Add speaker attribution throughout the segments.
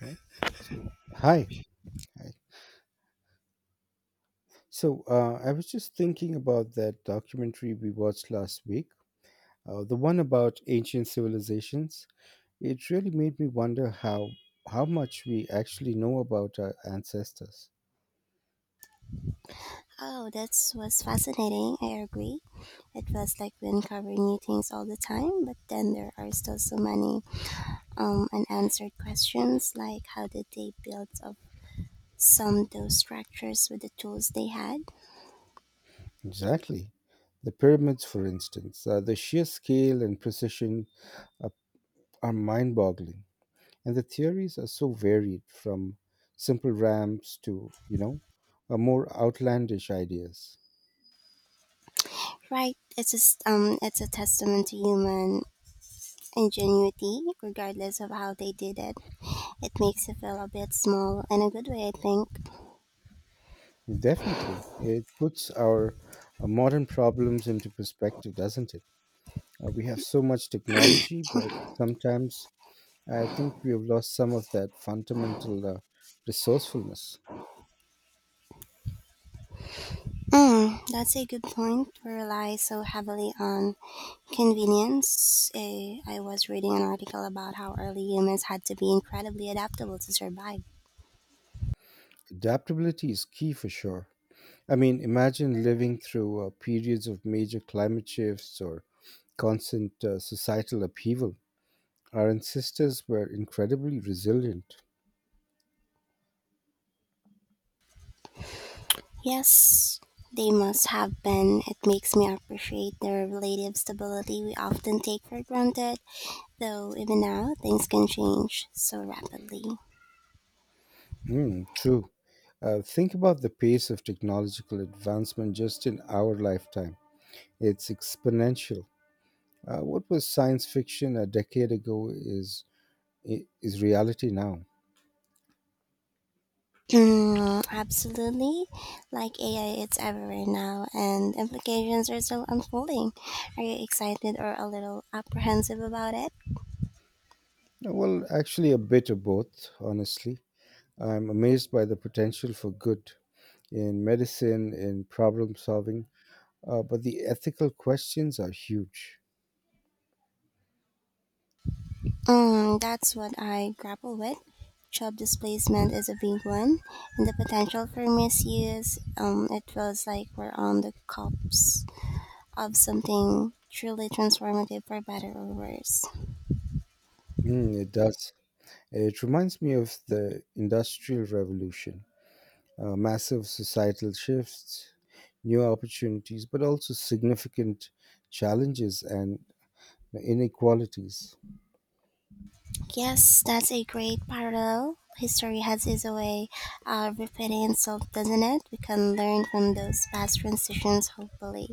Speaker 1: Right. So, hi. Hi. So, I was just thinking about that documentary we watched last week, the one about ancient civilizations. It really made me wonder how much we actually know about our ancestors.
Speaker 2: Oh, that was fascinating. I agree. It feels like we uncover new things all the time, but then there are still so many unanswered questions, like how did they build up some those structures with the tools they had?
Speaker 1: Exactly. The pyramids, for instance, the sheer scale and precision are, are mind-boggling, and the theories are so varied, from simple ramps to more outlandish ideas.
Speaker 2: Right. It's just it's a testament to human ingenuity, regardless of how they did it. It makes you feel a bit small in a good way, I think.
Speaker 1: Definitely. It puts our modern problems into perspective, doesn't it? We have so much technology, but sometimes I think we have lost some of that fundamental resourcefulness.
Speaker 2: Mm, that's a good point. We rely so heavily on convenience. I was reading an article about how early humans had to be incredibly adaptable to survive.
Speaker 1: Adaptability is key for sure. I mean, imagine living through periods of major climate shifts or constant societal upheaval. Our ancestors were incredibly resilient.
Speaker 2: Yes, they must have been. It makes me appreciate the relative stability we often take for granted, though even now things can change so rapidly.
Speaker 1: Mm, true. Think about the pace of technological advancement just in our lifetime. It's exponential. What was science fiction a decade ago is reality now.
Speaker 2: Mm, absolutely. Like AI, it's everywhere now, and implications are still unfolding. Are you excited or a little apprehensive about it?
Speaker 1: Well, actually, a bit of both. Honestly, I'm amazed by the potential for good in medicine, in problem solving, but the ethical questions are huge.
Speaker 2: Mm, that's what I grapple with. Job displacement is a big one, and the potential for misuse. It feels like we're on the cusp of something truly transformative for better or worse.
Speaker 1: Mm, it does. It reminds me of the Industrial Revolution massive societal shifts, new opportunities, but also significant challenges and inequalities.
Speaker 2: Yes, that's a great parallel. History has its way of repeating itself, doesn't it? We can learn from those past transitions, hopefully.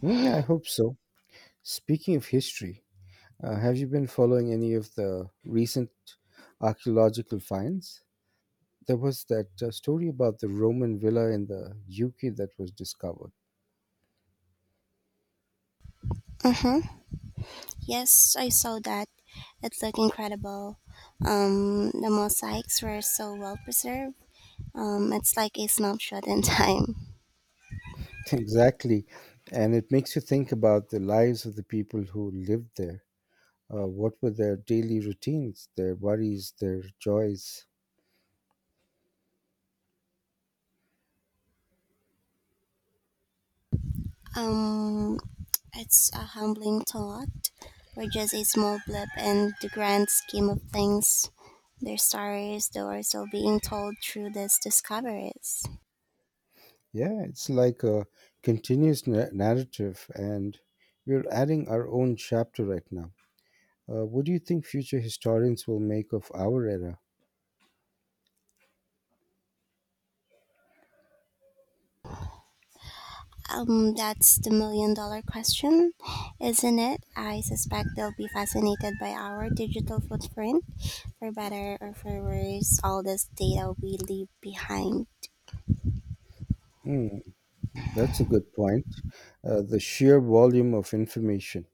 Speaker 1: Hmm, I hope so. Speaking of history, have you been following any of the recent archaeological finds? There was that story about the Roman villa in the UK that was discovered.
Speaker 2: Mm-hmm. Yes, I saw that. It looked incredible. The mosaics were so well preserved. It's like a snapshot in time.
Speaker 1: Exactly. And it makes you think about the lives of the people who lived there. What were their daily routines, their worries, their joys?
Speaker 2: Um, it's a humbling thought. We're just a small blip in the grand scheme of things. Their stories, though, are still being told through these discoveries.
Speaker 1: Yeah, it's like a narrative, and we're adding our own chapter right now. What do you think future historians will make of our era?
Speaker 2: That's the million dollar question, isn't it? I suspect they'll be fascinated by our digital footprint, for better or for worse, all this data we leave behind.
Speaker 1: Hmm, that's a good point. The sheer volume of information.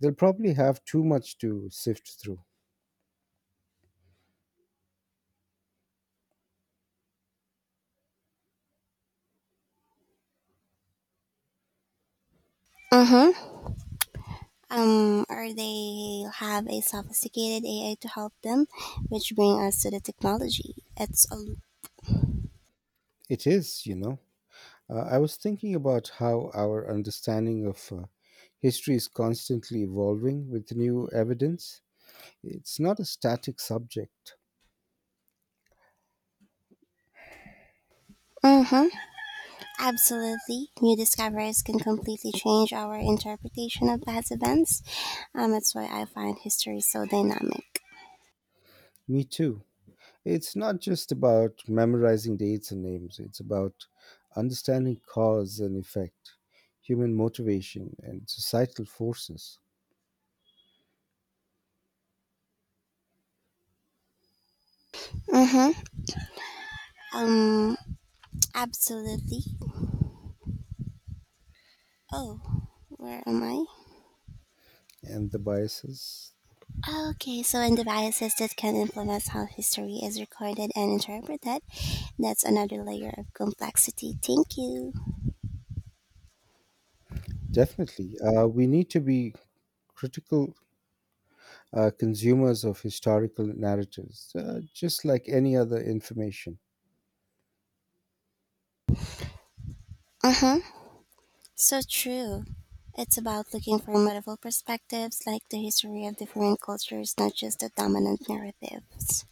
Speaker 1: They'll probably have too much to sift through.
Speaker 2: Mm hmm. Or they have a sophisticated AI to help them, which bring us to the technology. It's a
Speaker 1: It is, you know. I was thinking about how our understanding of history is constantly evolving with new evidence. It's not a static subject.
Speaker 2: mm-hmm, absolutely new discoveries can completely change our interpretation of past events. That's why I find history so dynamic.
Speaker 1: Me too. It's not just about memorizing dates and names, it's about understanding cause and effect, human motivation, and societal forces
Speaker 2: Mm-hmm. Um, Absolutely. Oh, where am I?
Speaker 1: and the biases.
Speaker 2: Okay, so in devices that can influence how history is recorded and interpreted, that's another layer of complexity. Thank you.
Speaker 1: Definitely. We need to be critical consumers of historical narratives, just like any other information.
Speaker 2: Mm-hmm. So true. It's about looking for multiple perspectives, like the history of different cultures, not just the dominant narratives.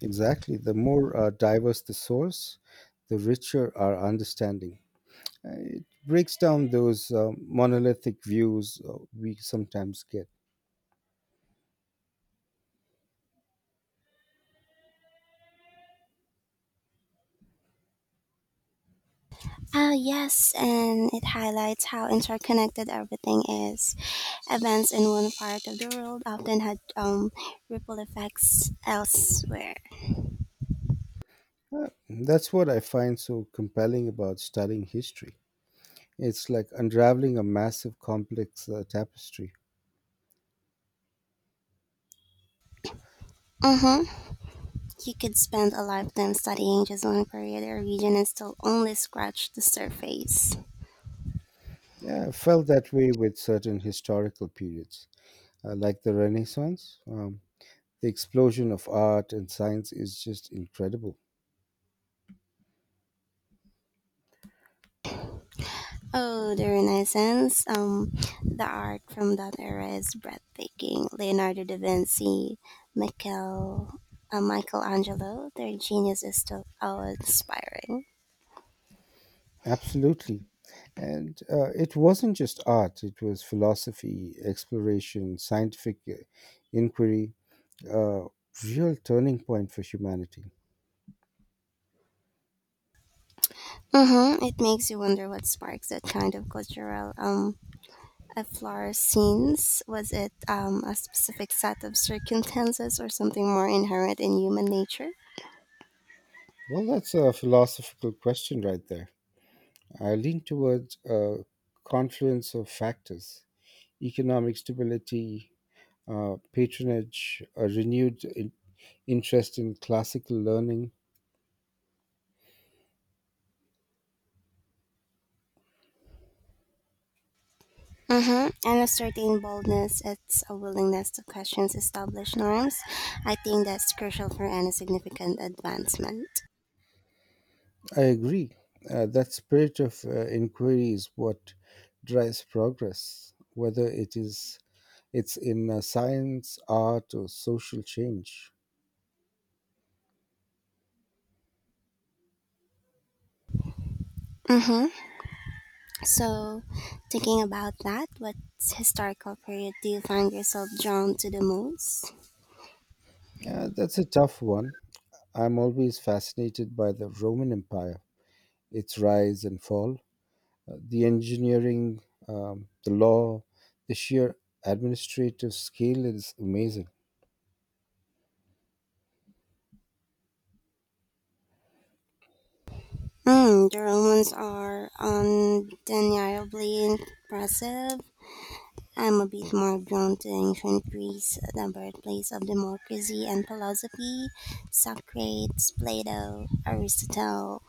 Speaker 1: Exactly. The more diverse the source, the richer our understanding. It breaks down those monolithic views we sometimes get.
Speaker 2: Ah, yes, and it highlights how interconnected everything is. Events in one part of the world often had ripple effects elsewhere.
Speaker 1: That's what I find so compelling about studying history. It's like unraveling a massive, complex tapestry.
Speaker 2: Mm-hmm. You could spend a lifetime studying just one period or region and still only scratch the surface.
Speaker 1: Yeah, I felt that way with certain historical periods, like the Renaissance. The explosion of art and science is just incredible.
Speaker 2: Oh, the Renaissance. The art from that era is breathtaking. Leonardo da Vinci, Michael, Michelangelo, their genius is still awe-inspiring.
Speaker 1: Absolutely. And it wasn't just art, it was philosophy, exploration, scientific inquiry, a real turning point for humanity.
Speaker 2: Mm-hmm. It makes you wonder what sparks that kind of cultural efflorescence. Was it a specific set of circumstances or something more inherent in human nature?
Speaker 1: Well, that's a philosophical question right there. I lean towards a confluence of factors economic stability, patronage, a renewed interest in classical learning.
Speaker 2: Mm-hmm. And a certain boldness, it's a willingness to question established norms. I think that's crucial for any significant advancement.
Speaker 1: I agree. That spirit of inquiry is what drives progress, whether it's in science, art, or social change.
Speaker 2: Mm-hmm. So, thinking about that, what historical period do you find yourself drawn to the most?
Speaker 1: That's a tough one. I'm always fascinated by the Roman Empire, its rise and fall, the engineering, the law, the sheer administrative scale is amazing.
Speaker 2: Mm, the Romans are undeniably impressive. I'm a bit more drawn to ancient Greece, the birthplace of democracy and philosophy, Socrates, Plato, Aristotle.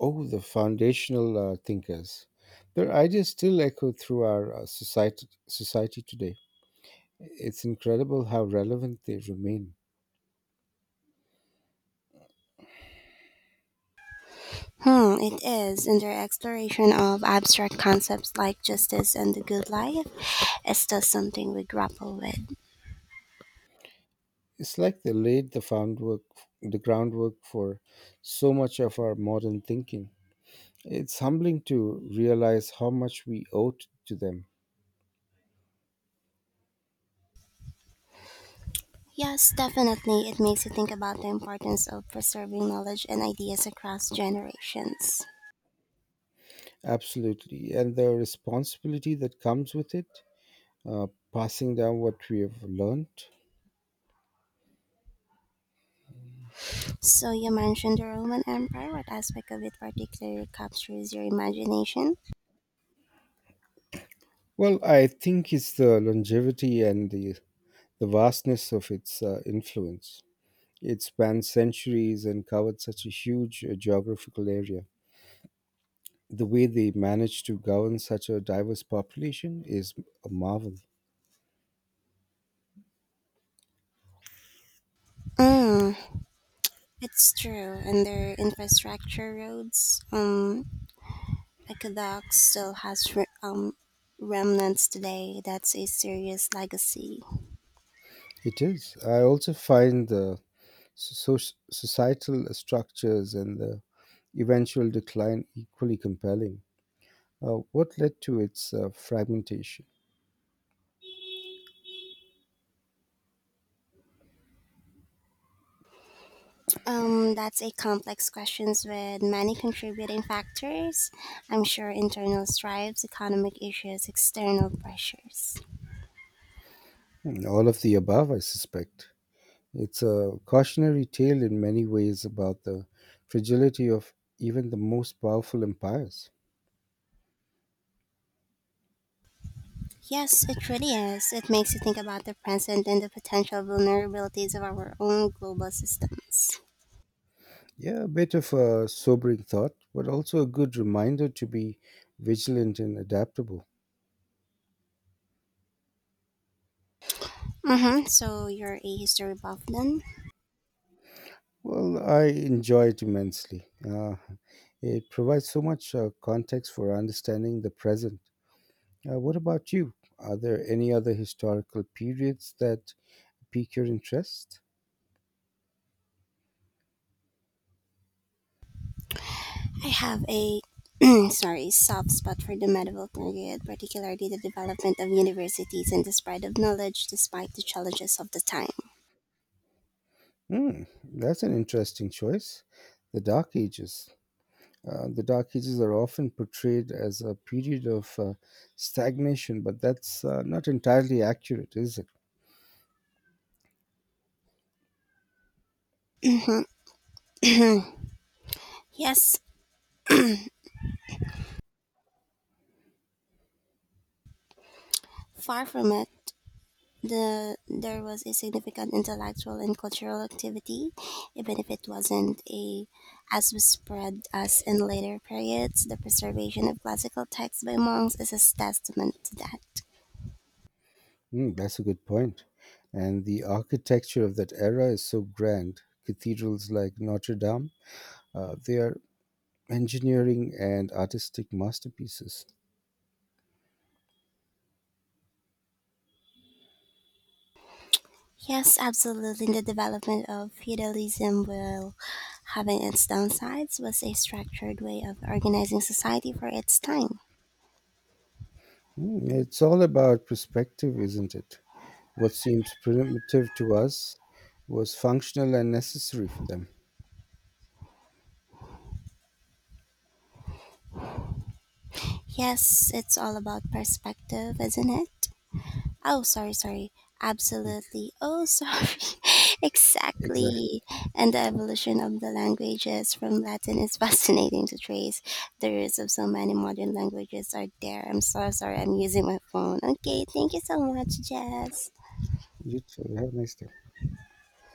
Speaker 1: Oh, the foundational thinkers. Their ideas still echo through our society today. It's incredible how relevant they remain.
Speaker 2: Hmm, it is, and their exploration of abstract concepts like justice and the good life is still something we grapple with.
Speaker 1: It's like they laid the foundwork, the groundwork for so much of our modern thinking. It's humbling to realize how much we owe to them.
Speaker 2: Yes, definitely, it makes you think about the importance of preserving knowledge and ideas across generations.
Speaker 1: Absolutely. And the responsibility that comes with it uh, passing down what we have learned?
Speaker 2: So, you mentioned the Roman Empire. What aspect of it particularly captures your imagination?
Speaker 1: Well, I think it's the longevity and the vastness of its influence. It spanned centuries and covered such a huge geographical area. The way they managed to govern such a diverse population is a marvel.
Speaker 2: Mm, it's true, and their infrastructure, roads, aqueducts, still has remnants today. That's a serious legacy.
Speaker 1: It is. I also find the societal structures and the eventual decline equally compelling. What led to its fragmentation?
Speaker 2: That's a complex question with many contributing factors. I'm sure internal strives, economic issues, external pressures.
Speaker 1: Hmm, all of the above, I suspect. It's a cautionary tale in many ways about the fragility of even the most powerful empires.
Speaker 2: Yes, it really is. It makes you think about the present and the potential vulnerabilities of our own global systems.
Speaker 1: Yeah, a bit of a sobering thought, but also a good reminder to be vigilant and adaptable.
Speaker 2: Mm-hmm. So you're a history buff then?
Speaker 1: Well, I enjoy it immensely. It provides so much context for understanding the present. What about you? Are there any other historical periods that pique your interest?
Speaker 2: I have a sorry soft spot for the medieval period, particularly the development of universities and the spread of knowledge despite the challenges of the time.
Speaker 1: Hmm, that's an interesting choice. The Dark Ages. The Dark Ages are often portrayed as a period of stagnation, but that's not entirely accurate, is it?
Speaker 2: yes, far from it, there was a significant intellectual and cultural activity, even if it wasn't a as spread as in later periods. The preservation of classical texts by monks is a testament to that.
Speaker 1: Hmm, that's a good point. And the architecture of that era is so grand. Cathedrals like Notre Dame, they are engineering and artistic masterpieces.
Speaker 2: Yes, absolutely. The development of feudalism, while having its downsides, was a structured way of organizing society for its time.
Speaker 1: Hmm, it's all about perspective, isn't it? What seems primitive to us was functional and necessary for them.
Speaker 2: Yes, it's all about perspective, isn't it? Oh, sorry. Absolutely. Oh, sorry.
Speaker 1: Exactly.
Speaker 2: exactly. And the evolution of the languages from Latin is fascinating to trace. The roots of so many modern languages are there. I'm so sorry. I'm using my phone. Okay. Thank you so much, Jess.
Speaker 1: You too. Have a nice day.